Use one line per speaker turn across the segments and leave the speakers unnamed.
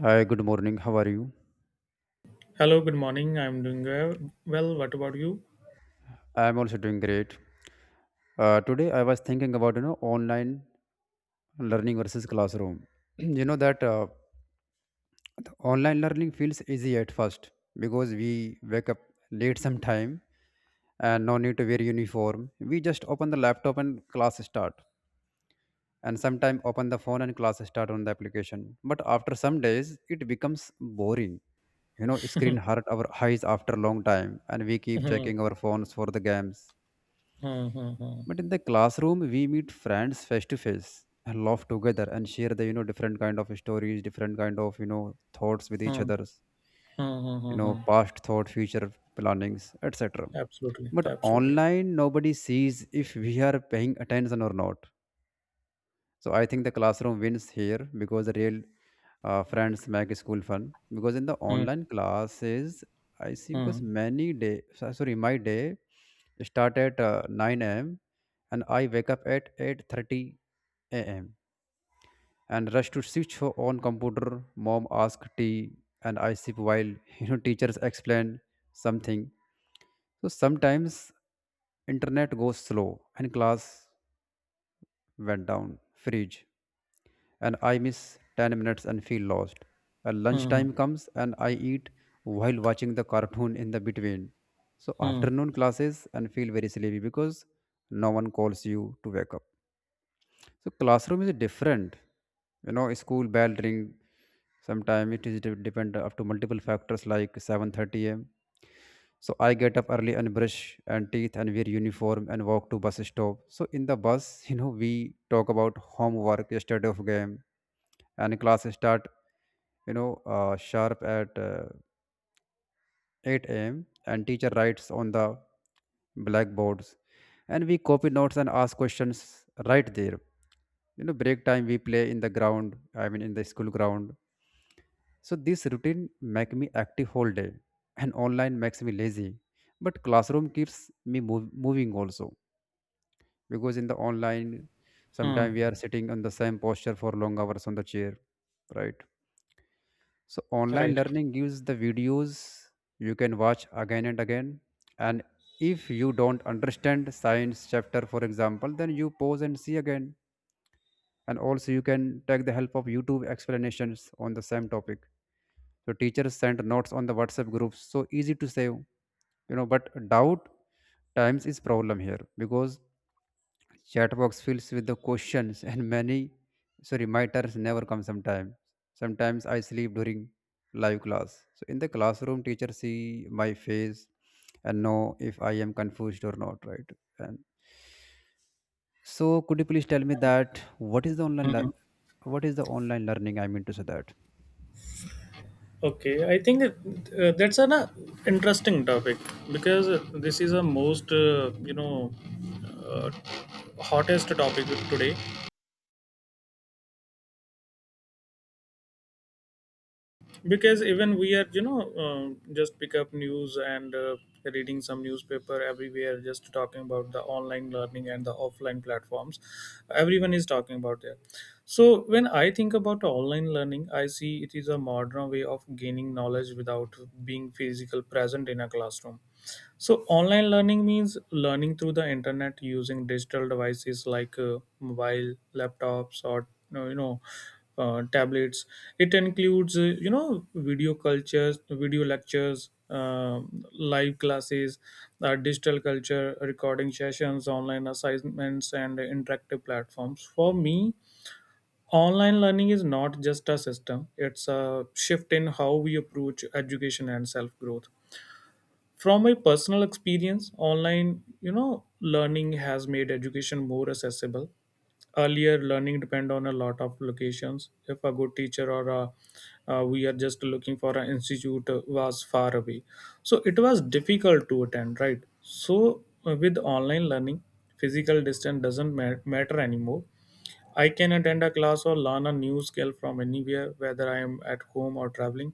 Hi, good morning. How are you?
Hello, good morning. I'm doing well. What about you?
I'm also doing great. Today I was thinking about online learning versus classroom. you know that The online learning feels easy at first because we wake up late sometime, and no need to wear uniform. We just open the laptop and class start, and sometime open the phone and class start on the application. But after some days, it becomes boring. You know, screen hurt our eyes after a long time, and we keep
Hmm,
checking our phones for the games,
hmm, hmm, hmm,
but in the classroom we meet friends face to face and laugh together and share the, different kind of stories, different kind of, thoughts with each
hmm,
other's,
hmm, hmm, hmm, hmm.
past thought, future plannings, etc.
Absolutely,
But
absolutely.
online nobody sees if we are paying attention or not, so I think the classroom wins here because the real friends make school fun. Because in the
Hmm,
online classes, I see because
hmm,
many day, sorry, my day start at 9 a.m. and I wake up at 8:30 a.m. and rush to switch for on computer. Mom ask tea and I sip while teachers explain something. So sometimes internet goes slow and class went down, freeze, and I miss 10 minutes and feel lost. And
hmm,
lunchtime comes and I eat while watching the cartoon in the between. So
hmm,
afternoon classes and feel very sleepy because no one calls you to wake up. So classroom is different. You know, school bell ring, sometime it is depend up to multiple factors, like 7:30 a.m. So I get up early and brush and teeth and wear uniform and walk to bus stop. So in the bus we talk about homework, yesterday of game, and class start, you know sharp at 8 a.m., and teacher writes on the blackboards and we copy notes and ask questions right there. You know, break time we play in the ground, I mean in the school ground. So this routine make me active whole day, and online makes me lazy. But classroom keeps me moving also, because in the online
hmm.
sometimes we are sitting on the same posture for long hours on the chair, right? So online
Right.
learning gives the videos you can watch again and again. And if you don't understand science chapter, for example, then you pause and see again. And also you can take the help of YouTube explanations on the same topic. So teachers send notes on the WhatsApp groups. So easy to save, you know. But doubt times is problem here because chat box fills with the questions and many, sorry, my turns never come sometimes. Sometimes I sleep during live class. So in the classroom, teacher see my face and know if I am confused or not, right? And so could you please tell me that what is the online
Mhm.
what is the online learning, I mean to say that?
Okay, I think that, that's an interesting topic because this is a most you know uh, hottest topic today because even we are just pick up news and reading some newspaper. Everywhere just talking about the online learning and the offline platforms. Everyone is talking about that. So when I think about online learning, I see it is a modern way of gaining knowledge without being physical present in a classroom. So online learning means learning through the internet using digital devices like mobile, laptops, or uh, you know, tablets. It includes video cultures, video lectures, live classes, digital culture, recording sessions, online assignments, and interactive platforms. For me, online learning is not just a system; it's a shift in how we approach education and self growth. From my personal experience, online you know learning has made education more accessible. Earlier, learning depend on a lot of locations. If a good teacher or a, we are just looking for an institute was far away, so it was difficult to attend, right? So with online learning, physical distance doesn't matter anymore. I can attend a class or learn a new skill from anywhere, whether I am at home or traveling.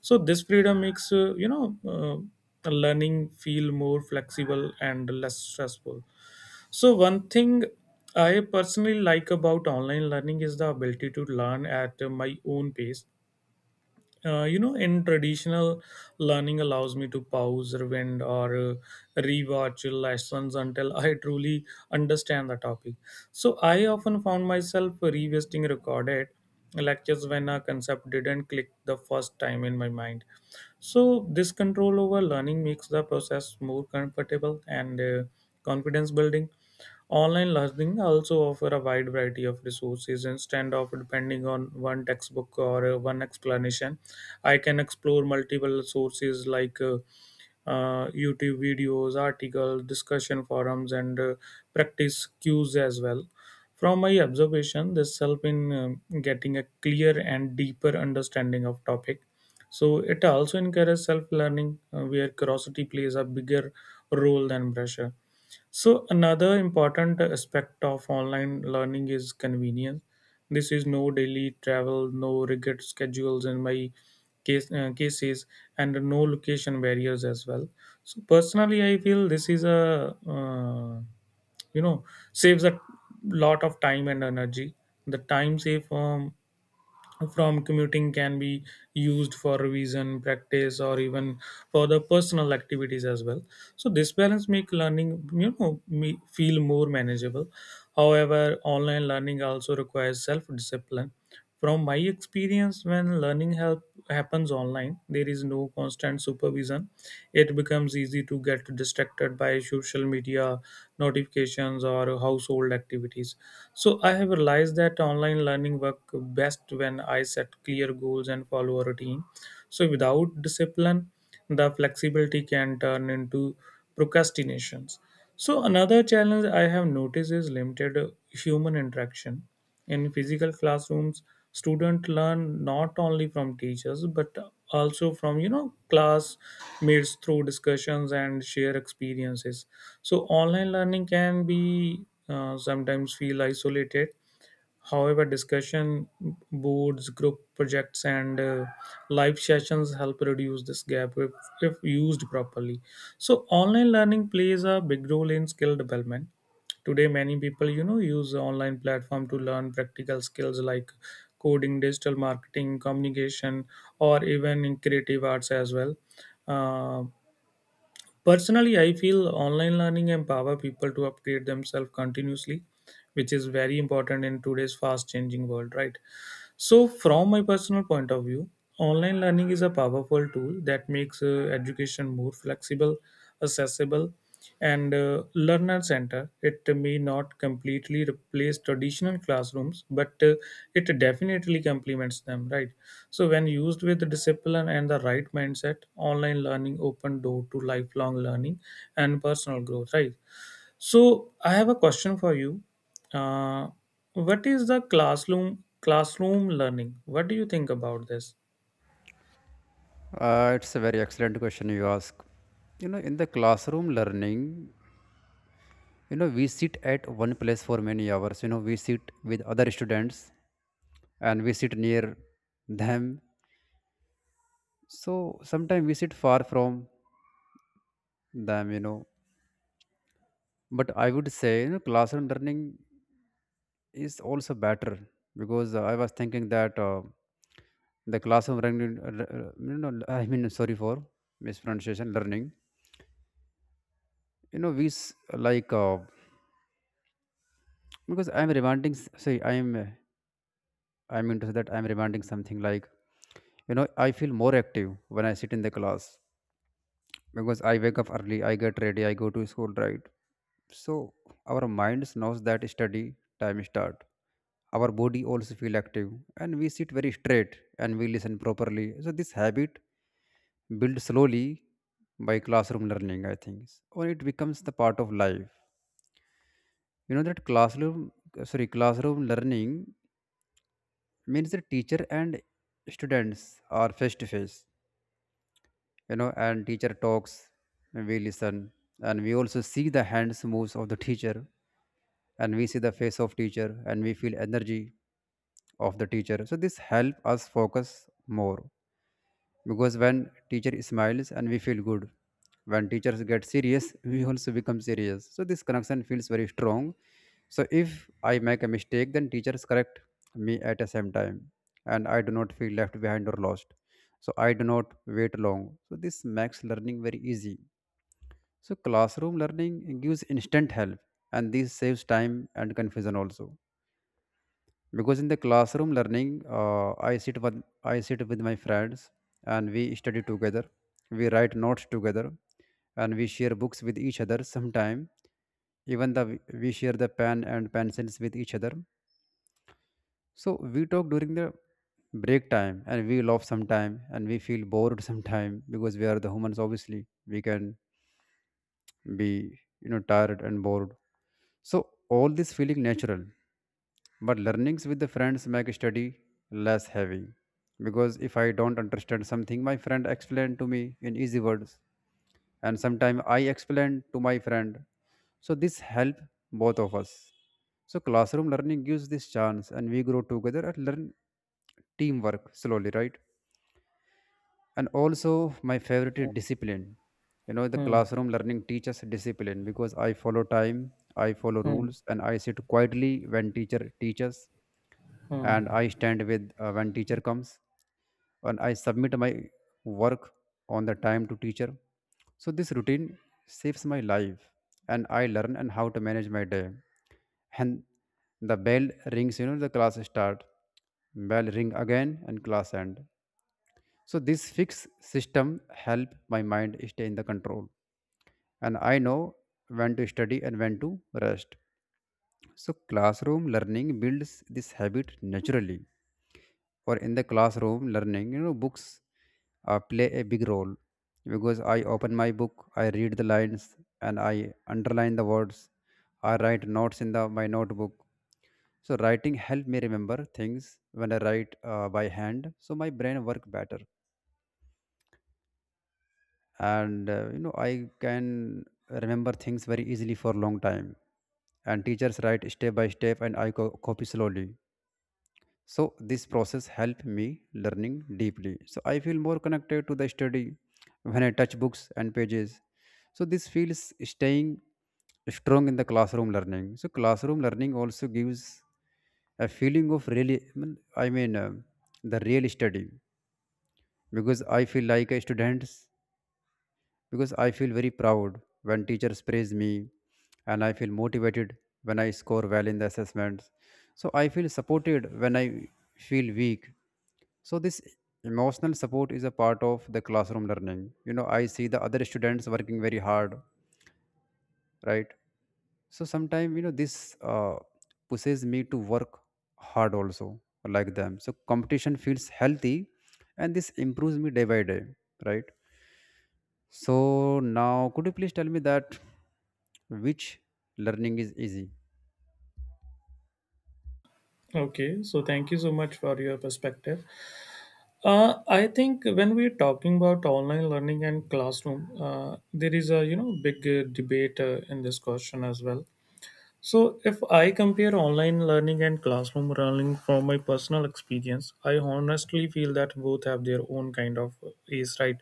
So this freedom makes learning feel more flexible and less stressful. So one thing I personally like about online learning is the ability to learn at my own pace. In traditional learning, allows me to pause, rewind, or rewatch lessons until I truly understand the topic. So I often found myself revisiting recorded lectures when a concept didn't click the first time in my mind. So this control over learning makes the process more comfortable and confidence building. Online learning also offer a wide variety of resources instead of depending on one textbook or one explanation. I can explore multiple sources like YouTube videos, articles, discussion forums, and practice cues as well. From my observation, this help in getting a clear and deeper understanding of topic. So it also encourages self-learning, where curiosity plays a bigger role than pressure. So another important aspect of online learning is convenience. This is no daily travel, no rigid schedules in my case, cases, and no location barriers as well. So personally, I feel this is a you know saves a lot of time and energy. The time saved from commuting can be used for revision practice or even for the personal activities as well. So this balance make learning you know me feel more manageable. However, online learning also requires self discipline. From my experience, when learning help happens online, there is no constant supervision. It becomes easy to get distracted by social media notifications or household activities. So I have realized that online learning work best when I set clear goals and follow a routine. So without discipline, the flexibility can turn into procrastinations. So another challenge I have noticed is limited human interaction. In physical classrooms, students learn not only from teachers but also from classmates through discussions and share experiences. So online learning can be sometimes feel isolated. However, discussion boards, group projects, and live sessions help reduce this gap if used properly. So online learning plays a big role in skill development. Today, many people, use the online platform to learn practical skills like coding, digital marketing, communication, or even in creative arts as well. Um, Personally, I feel online learning empower people to upgrade themselves continuously, which is very important in today's fast changing world, right? So from my personal point of view, online learning is a powerful tool that makes education more flexible, accessible, and learner centered. It may not completely replace traditional classrooms, but it definitely complements them, right? So when used with discipline and the right mindset, online learning open door to lifelong learning and personal growth, right? So I have a question for you. Uh, what is the classroom learning? What do you think about this?
It's a very excellent question you ask. You know, in the classroom learning, you know, we sit at one place for many hours. You know, we sit with other students and we sit near them. So sometimes we sit far from them, you know. But I would say, you know, classroom learning is also better because I was thinking that the classroom learning, you know, I mean, sorry for mispronunciation, learning. You know, like because I'm reminding. Say, I'm into that. I'm reminding something like, you know, I feel more active when I sit in the class because I wake up early, I get ready, I go to school, right? So our minds knows that study time start. Our body also feel active, and we sit very straight and we listen properly. So this habit build slowly by classroom learning, I think. Or it becomes the part of life. You know that classroom, sorry, classroom learning means the teacher and students are face to face. You know, and teacher talks and we listen, and we also see the hands moves of the teacher and we see the face of teacher and we feel energy of the teacher. So this help us focus more, because when teacher smiles and we feel good, when teachers get serious we also become serious. So this connection feels very strong. So if I make a mistake, then teachers correct me at the same time, and I do not feel left behind or lost. So I do not wait long. So this makes learning very easy. So classroom learning gives instant help, and this saves time and confusion also. Because in the classroom learning, uh, i sit with I sit with my friends, and we study together, we write notes together, and we share books with each other sometime. Even the, we share the pen and pencils with each other. So we talk during the break time, and we laugh sometime and we feel bored sometime because we are the humans, obviously. We can be, you know, tired and bored. So all this feeling natural, but learnings with the friends make study less heavy. Because if I don't understand something, my friend explain to me in easy words, and sometimes I explain to my friend. So this help both of us. So classroom learning gives this chance, and we grow together and learn teamwork slowly, right? And also my favorite is discipline. You know, the
Hmm,
classroom learning teaches discipline because I follow time, I follow
hmm,
rules, and I sit quietly when teacher teaches,
hmm.
and I stand with when teacher comes, and I submit my work on the time to teacher. So this routine saves my life, and I learn and how to manage my day. And the bell rings, you know, the class start, bell ring again, and class end. So this fixed system help my mind stay in the control, and I know when to study and when to rest. So classroom learning builds this habit naturally. Or in the classroom learning, you know, books play a big role because I open my book, I read the lines, and I underline the words. I write notes in the my notebook. So writing help me remember things. When I write by hand, so my brain work better, and you know, I can remember things very easily for a long time. And teachers write step by step, and I copy slowly. So this process helped me learning deeply, so I feel more connected to the study when I touch books and pages. So this feels staying strong in the classroom learning. So classroom learning also gives a feeling of really, I mean, the real study, because I feel like a student. Because I feel very proud when teachers praise me, and I feel motivated when I score well in the assessments. So I feel supported when I feel weak. So this emotional support is a part of the classroom learning. You know, I see the other students working very hard, right? So sometimes, you know, this pushes me to work hard also, like them. So competition feels healthy, and this improves me day by day, right? So now, could you please tell me that which learning is easy?
Okay, so thank you so much for your perspective. I think when we're talking about online learning and classroom, there is a big debate in this question as well. So if I compare online learning and classroom learning from my personal experience, I honestly feel that both have their own kind of ace, right?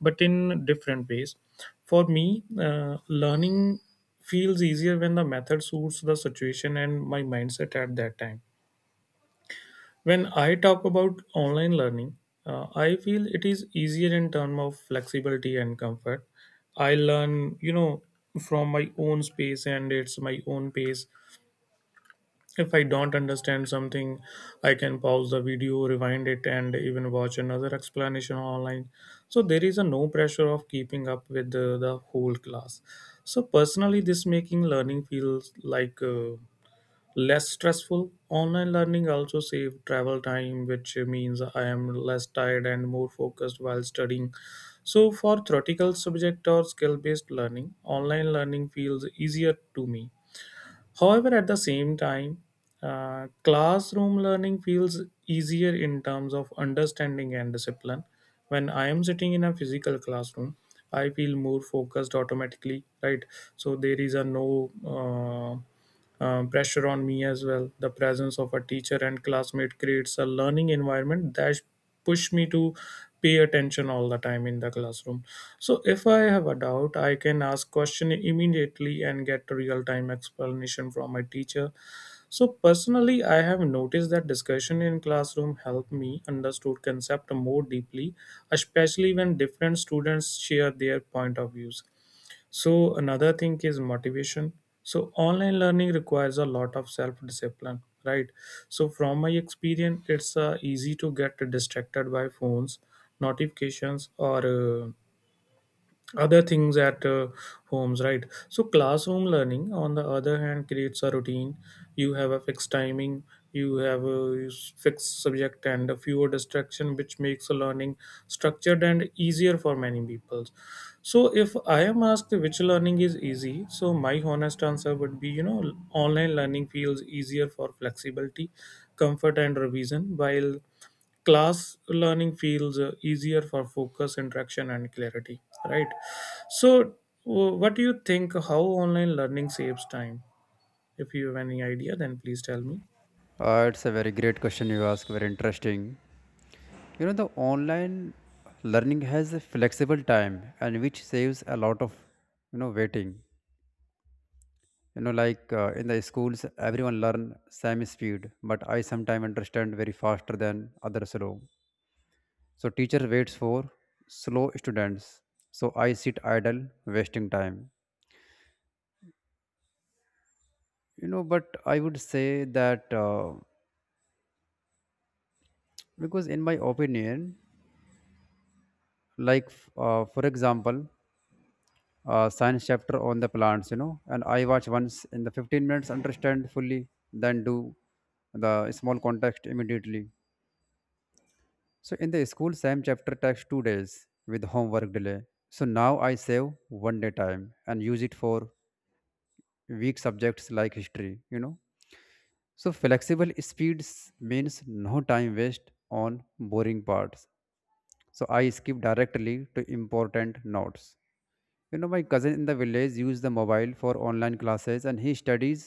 But in different ways. For me, learning feels easier when the method suits the situation and my mindset at that time. When I talk about online learning, I feel it is easier in terms of flexibility and comfort. I learn, from my own space and it's my own pace. If I don't understand something, I can pause the video, rewind it, and even watch another explanation online. So there is a no pressure of keeping up with the whole class. So personally, this making learning feels like less stressful. Online learning also save travel time, which means I am less tired and more focused while studying. So for theoretical subject or skill-based learning, online learning feels easier to me. However, at the same time, classroom learning feels easier in terms of understanding and discipline. When I am sitting in a physical classroom, I feel more focused automatically, right? So there is a no. Uh, Pressure on me as well. The presence of a teacher and classmate creates a learning environment that push me to pay attention all the time in the classroom. So if I have a doubt, I can ask question immediately and get real time explanation from my teacher. So personally, I have noticed that discussion in classroom help me understood concept more deeply, especially when different students share their point of views. So another thing is motivation. So online learning requires a lot of self discipline, right? So from my experience, it's easy to get distracted by phones, notifications, or other things at homes, right? So classroom learning, on the other hand, creates a routine. You have a fixed timing, you have a fixed subject and a fewer distraction, which makes a learning structured and easier for many people. So if I am asked which learning is easy, so my honest answer would be, online learning feels easier for flexibility, comfort, and revision, while class learning feels easier for focus, interaction, and clarity, right? So, what do you think? How online learning saves time? If you have any idea, then please tell me.
It's a very great question you ask. Very interesting. You know, the online learning has a flexible time, and which saves a lot of, you know, waiting. You know, like in the schools, everyone learn same speed, but I sometimes understand very faster than other slow. So teacher waits for slow students. So I sit idle, wasting time, you know. But I would say that because in my opinion, for example, science chapter on the plants, you know, and I watch once in the 15 minutes, understand fully, then do the small context immediately. So in the school same chapter takes 2 days with homework delay. So now I save 1 day time and use it for weak subjects like history, you know. So flexible speeds means no time waste on boring parts. So I skip directly to important notes. You know, my cousin in the village used the mobile for online classes, and he studies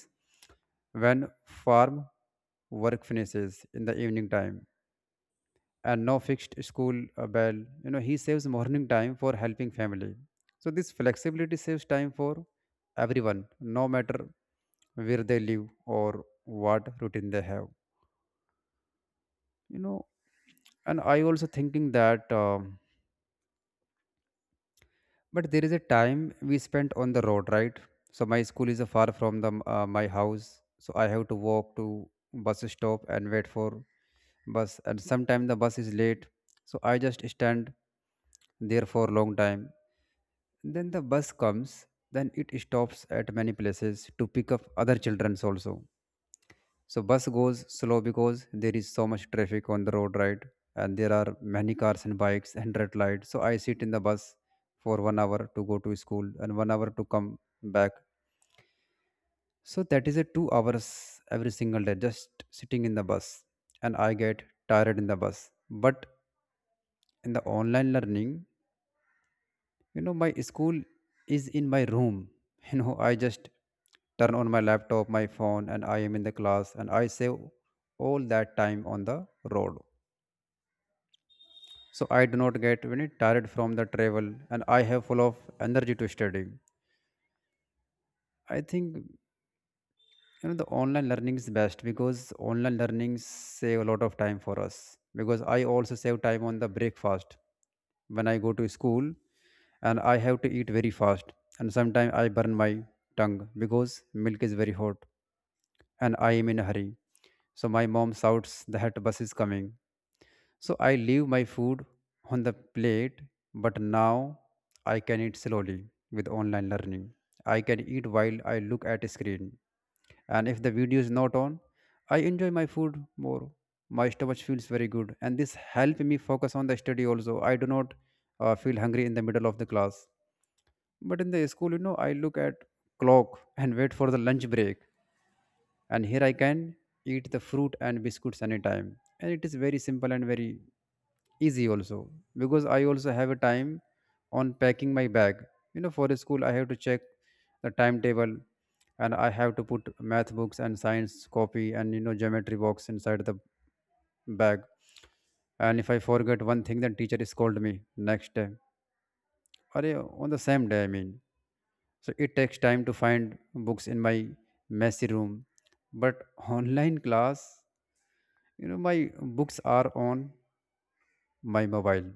when farm work finishes in the evening time, and no fixed school bell. You know, he saves morning time for helping family. So this flexibility saves time for everyone, no matter where they live or what routine they have. You know, and I also thinking that. But there is a time we spent on the road, right? So my school is far from the my house, so I have to walk to bus stop and wait for bus. And sometimes the bus is late, so I just stand there for a long time. Then the bus comes, then it stops at many places to pick up other childrens also. So bus goes slow because there is so much traffic on the road, right? And there are many cars and bikes and red lights, so I sit in the bus for 1 hour to go to school and 1 hour to come back. So that is a 2 hours every single day, just sitting in the bus. And I get tired in the bus. But in the online learning, you know, my school is in my room. You know, I just turn on my laptop, my phone, and I am in the class, and I save all that time on the road. So I do not get very tired from the travel and I have full of energy to study. I think the online learning is best because online learning save a lot of time for us, because I also save time on the breakfast when I go to school and I have to eat very fast, and sometimes I burn my tongue because milk is very hot and I am in a hurry. So my mom shouts that bus is coming. So I leave my food on the plate, but now I can eat slowly with online learning. I can eat while I look at a screen. And if the video is not on, I enjoy my food more. My stomach feels very good, and this help me focus on the study also. I do not feel hungry in the middle of the class. But in the school, you know, I look at clock and wait for the lunch break, and here I can eat the fruit and biscuits anytime, and it is very simple and very easy also. Because I also have a time on packing my bag, you know, for school I have to check the timetable, and I have to put math books and science copy and, you know, geometry box inside the bag. And if I forget one thing, then teacher scold me next day, or on the same day I mean. So it takes time to find books in my messy room. But online class, you know, my books are on my mobile.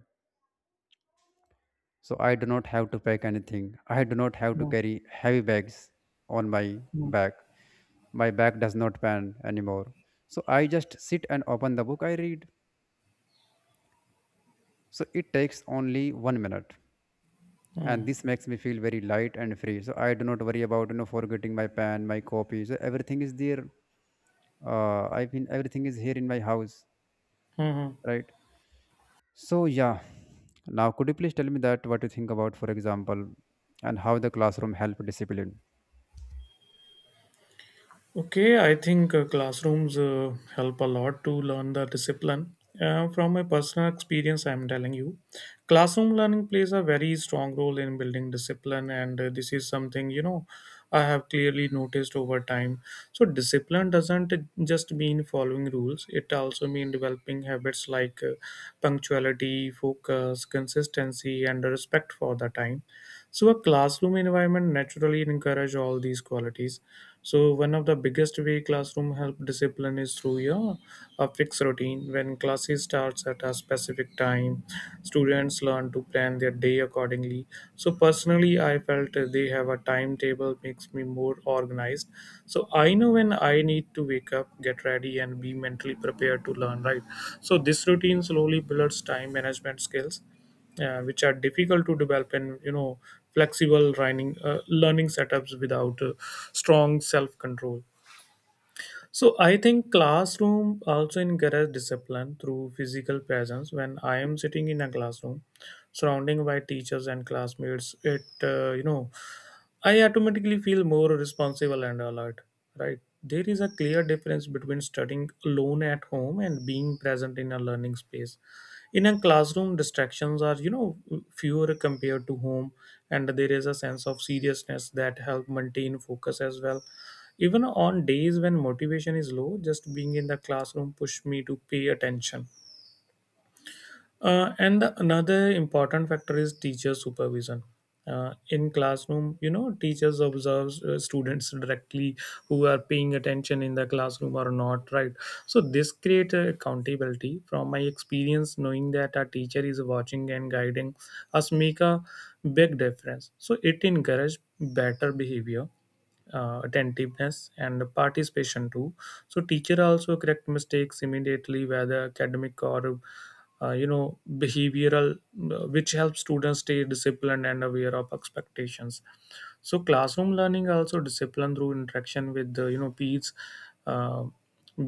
So I do not have to pack anything. I do not have to
Yeah,
carry heavy bags on my
yeah.
back. My back does not pan anymore. So I just sit and open the book I read. So it takes only 1 minute. And this makes me feel very light and free. So I do not worry about, you know, forgetting my pen, my copies. Everything is there I mean everything is here in my house,
Mm-hmm.
right? So yeah, now could you please tell me that what you think about, for example, and how the classroom help discipline?
Okay, I think classrooms help a lot to learn the discipline. From my personal experience, I'm telling you, classroom learning plays a very strong role in building discipline, and this is something I have clearly noticed over time. So discipline doesn't just mean following rules; it also means developing habits like punctuality, focus, consistency, and respect for the time. So a classroom environment naturally encourages all these qualities. So one of the biggest way classroom help discipline is through, yeah, a fixed routine. When classes starts at a specific time, students learn to plan their day accordingly. So personally, I felt they have a timetable makes me more organized. So I know when I need to wake up, get ready, and be mentally prepared to learn. Right. So this routine slowly builds time management skills which are difficult to develop in flexible learning setups without strong self control. So I think classroom also encourage discipline through physical presence. When I am sitting in a classroom surrounding by teachers and classmates, it uh, you know I automatically feel more responsible and alert, right? There is a clear difference between studying alone at home and being present in a learning space. In a classroom, distractions are, fewer compared to home, and there is a sense of seriousness that help maintain focus as well. Even on days when motivation is low, just being in the classroom pushed me to pay attention. Another important factor is teacher supervision. In classroom, teachers observes students directly, who are paying attention in the classroom or not, right? So this creates accountability. From my experience, knowing that our teacher is watching and guiding us make a big difference. So it encourages better behavior, attentiveness, and participation too. So teacher also correct mistakes immediately, whether academic or behavioral, which helps students stay disciplined and aware of expectations. So classroom learning also discipline through interaction with the peers. uh,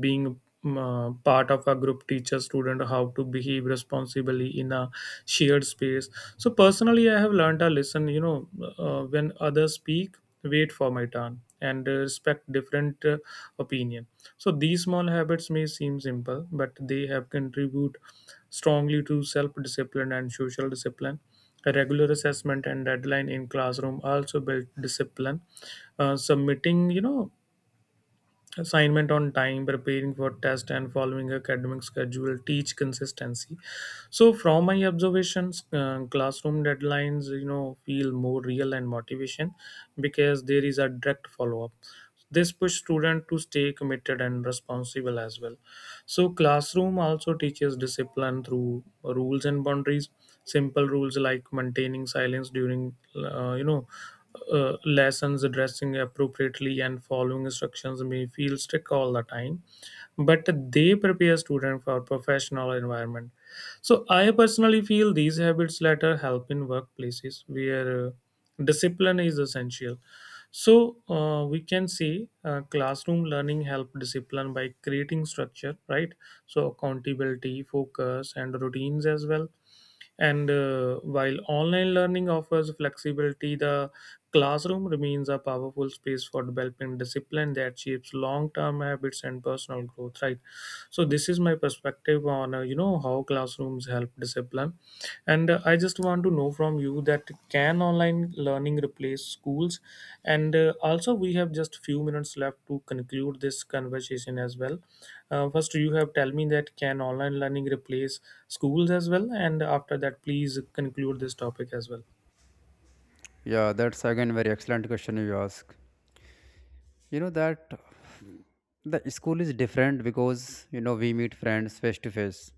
Being part of a group teaches student how to behave responsibly in a shared space. So personally, I have learned a lesson. When others speak, wait for my turn and respect different opinion. So these small habits may seem simple, but they have contribute strongly to self-discipline and social discipline. A regular assessment and deadline in classroom also build discipline. Submitting, assignment on time, preparing for test, and following academic schedule teach consistency. So from my observations, classroom deadlines, feel more real and motivation because there is a direct follow up. This push student to stay committed and responsible as well. So classroom also teaches discipline through rules and boundaries. Simple rules like maintaining silence during, lessons, dressing appropriately, and following instructions may feel strict all the time, but they prepare students for professional environment. So I personally feel these habits later help in workplaces where discipline is essential. So we can say classroom learning help discipline by creating structure, right? So accountability, focus, and routines as well. And while online learning offers flexibility, the classroom remains a powerful space for developing discipline that shapes long-term habits and personal growth, right? So this is my perspective on how classrooms help discipline. And I just want to know from you that can online learning replace schools. And also we have just few minutes left to conclude this conversation as well. First, you have tell me that can online learning replace schools as well, and after that please conclude this topic as well.
Yeah, that's again very excellent question you ask. You know that the school is different because, you know, we meet friends face to face.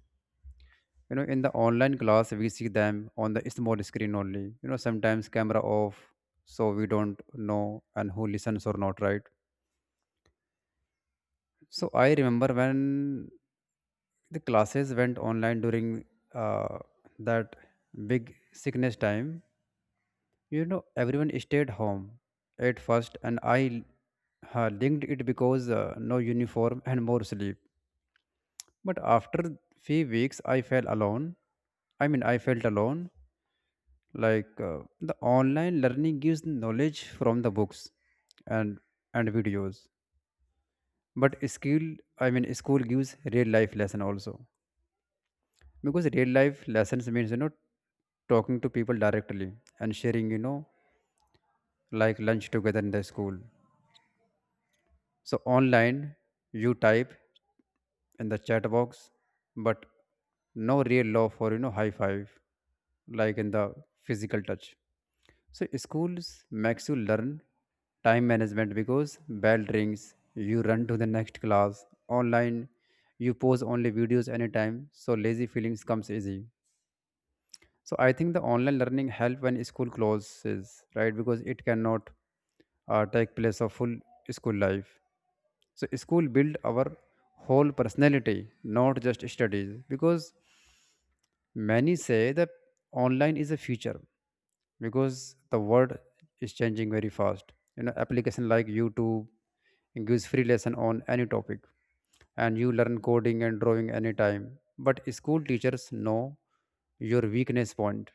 You know, in the online class we see them on the small screen only, you know, sometimes camera off, so we don't know and who listens or not, right? So I remember when the classes went online during uh, that big sickness time, you know, everyone stayed home at first. And I linked it because no uniform and more sleep. But after few weeks I felt alone. I mean, I felt alone, like, the online learning gives knowledge from the books and and videos, but skill, I mean, school gives real life lesson also. Because real life lessons means, you know, talking to people directly and sharing, you know, like lunch together in the school. So online you type in the chat box, but no real love for, you know, high five, like in the physical touch. So schools makes you learn time management because bell rings you run to the next class. Online you pause only videos anytime, so lazy feelings comes easy. So I think the online learning help when school closes, right? Because it cannot take place of full school life. So school build our whole personality, not just studies. Because many say that online is a future, because the world is changing very fast. You know, application like YouTube gives free lesson on any topic, and you learn coding and drawing anytime. But school teachers know your weakness point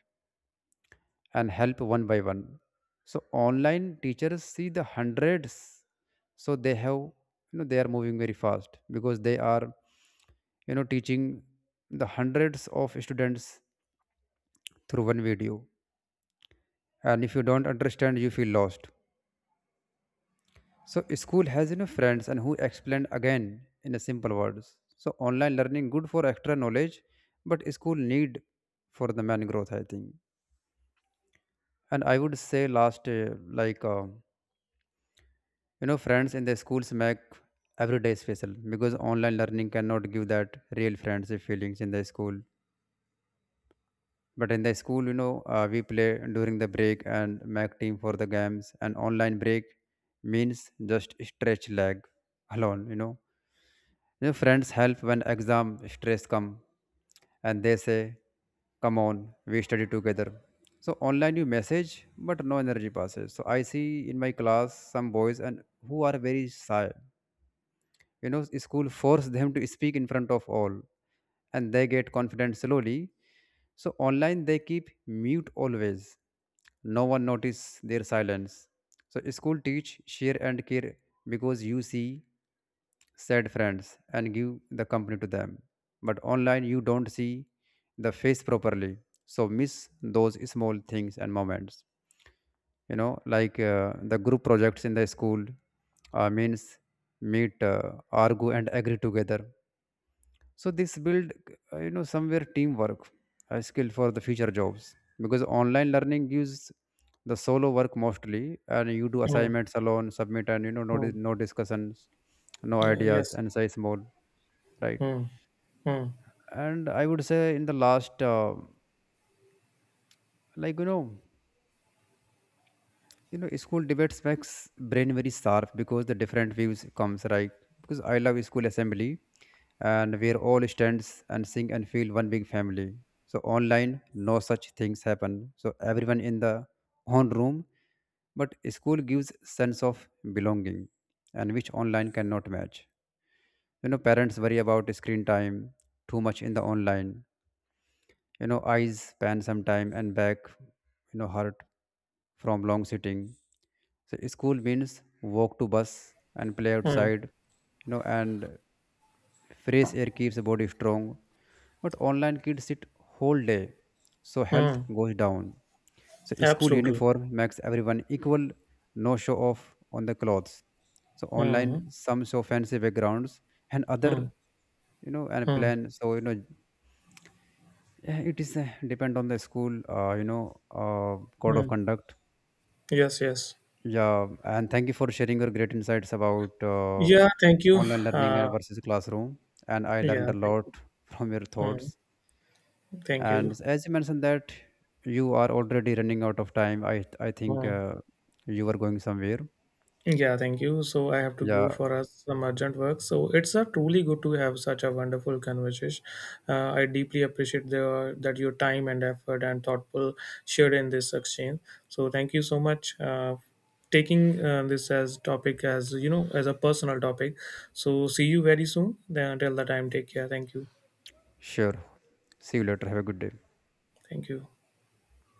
and help one by one. So online teachers see the hundreds, so they have, you know, they are moving very fast because they are, you know, teaching the hundreds of students through one video. And if you don't understand, you feel lost. So school has, you know, friends and who explain again in a simple words. So online learning good for extra knowledge, but school need for the man growth I think. And I would say last You know, friends in the schools make every day special because online learning cannot give that real friendship feelings in the school. But in the school, you know, we play during the break and make team for the games. And online break means just stretch leg alone. You know, friends help when exam stress come, and they say, "Come on, we study together." So online you message, but no energy passes. So I see in my class some boys and who are very shy. You know, school force them to speak in front of all, and they get confident slowly. So online they keep mute always, no one notice their silence. So school teach share and care because you see sad friends and give the company to them. But online you don't see the face properly, so miss those small things and moments. You know, like, the group projects in the school means meet, argue and agree together. So this build, you know, somewhere teamwork, a skill for the future jobs. Because online learning gives the solo work mostly, and you do
Mm,
assignments alone, submit, and you know,
mm.
no discussions, no
Yeah,
ideas,
yes.
and size small, right?
Mm, mm,
And I would say in the last, you know, you know, school debates makes brain very sharp because the different views comes, right? Because I love school assembly, and where all stands and sing and feel one big family. So online no such things happen, so everyone in the own room. But school gives sense of belonging, and which online cannot match. You know, parents worry about screen time too much in the online. You know, eyes span some time, and back, you know, hurt from long sitting. So school means walk to bus and play
mm,
outside, you know, and fresh air keeps the body strong. But online kids sit whole day, so health
mm.
goes down. So school
Absolutely.
uniform makes everyone equal, no show off on the clothes. So online
Mm,
some show fancy backgrounds and other,
mm,
you know, and
mm,
plan, so you know, yeah, it is depend on the school you know code of
mm.
conduct.
Yes, yes.
Yeah, and thank you for sharing your great insights about
Yeah, thank you.
online learning
Uh,
versus classroom. And I learned
yeah,
a
thank you.
lot from your
Mm,
thoughts.
thank
And
you.
as you mentioned that you are already running out of time, I think
Mm.
you are going somewhere.
Yeah, thank you. So I have to go
Yeah,
for some urgent work. So it's truly good to have such a wonderful conversation. I deeply appreciate that your time and effort and thoughtful shared in this exchange. So thank you so much. Taking this as topic as you know as a personal topic, so see you very soon then. Until the time, take care. Thank you.
sure, see you later, have a good day.
Thank you.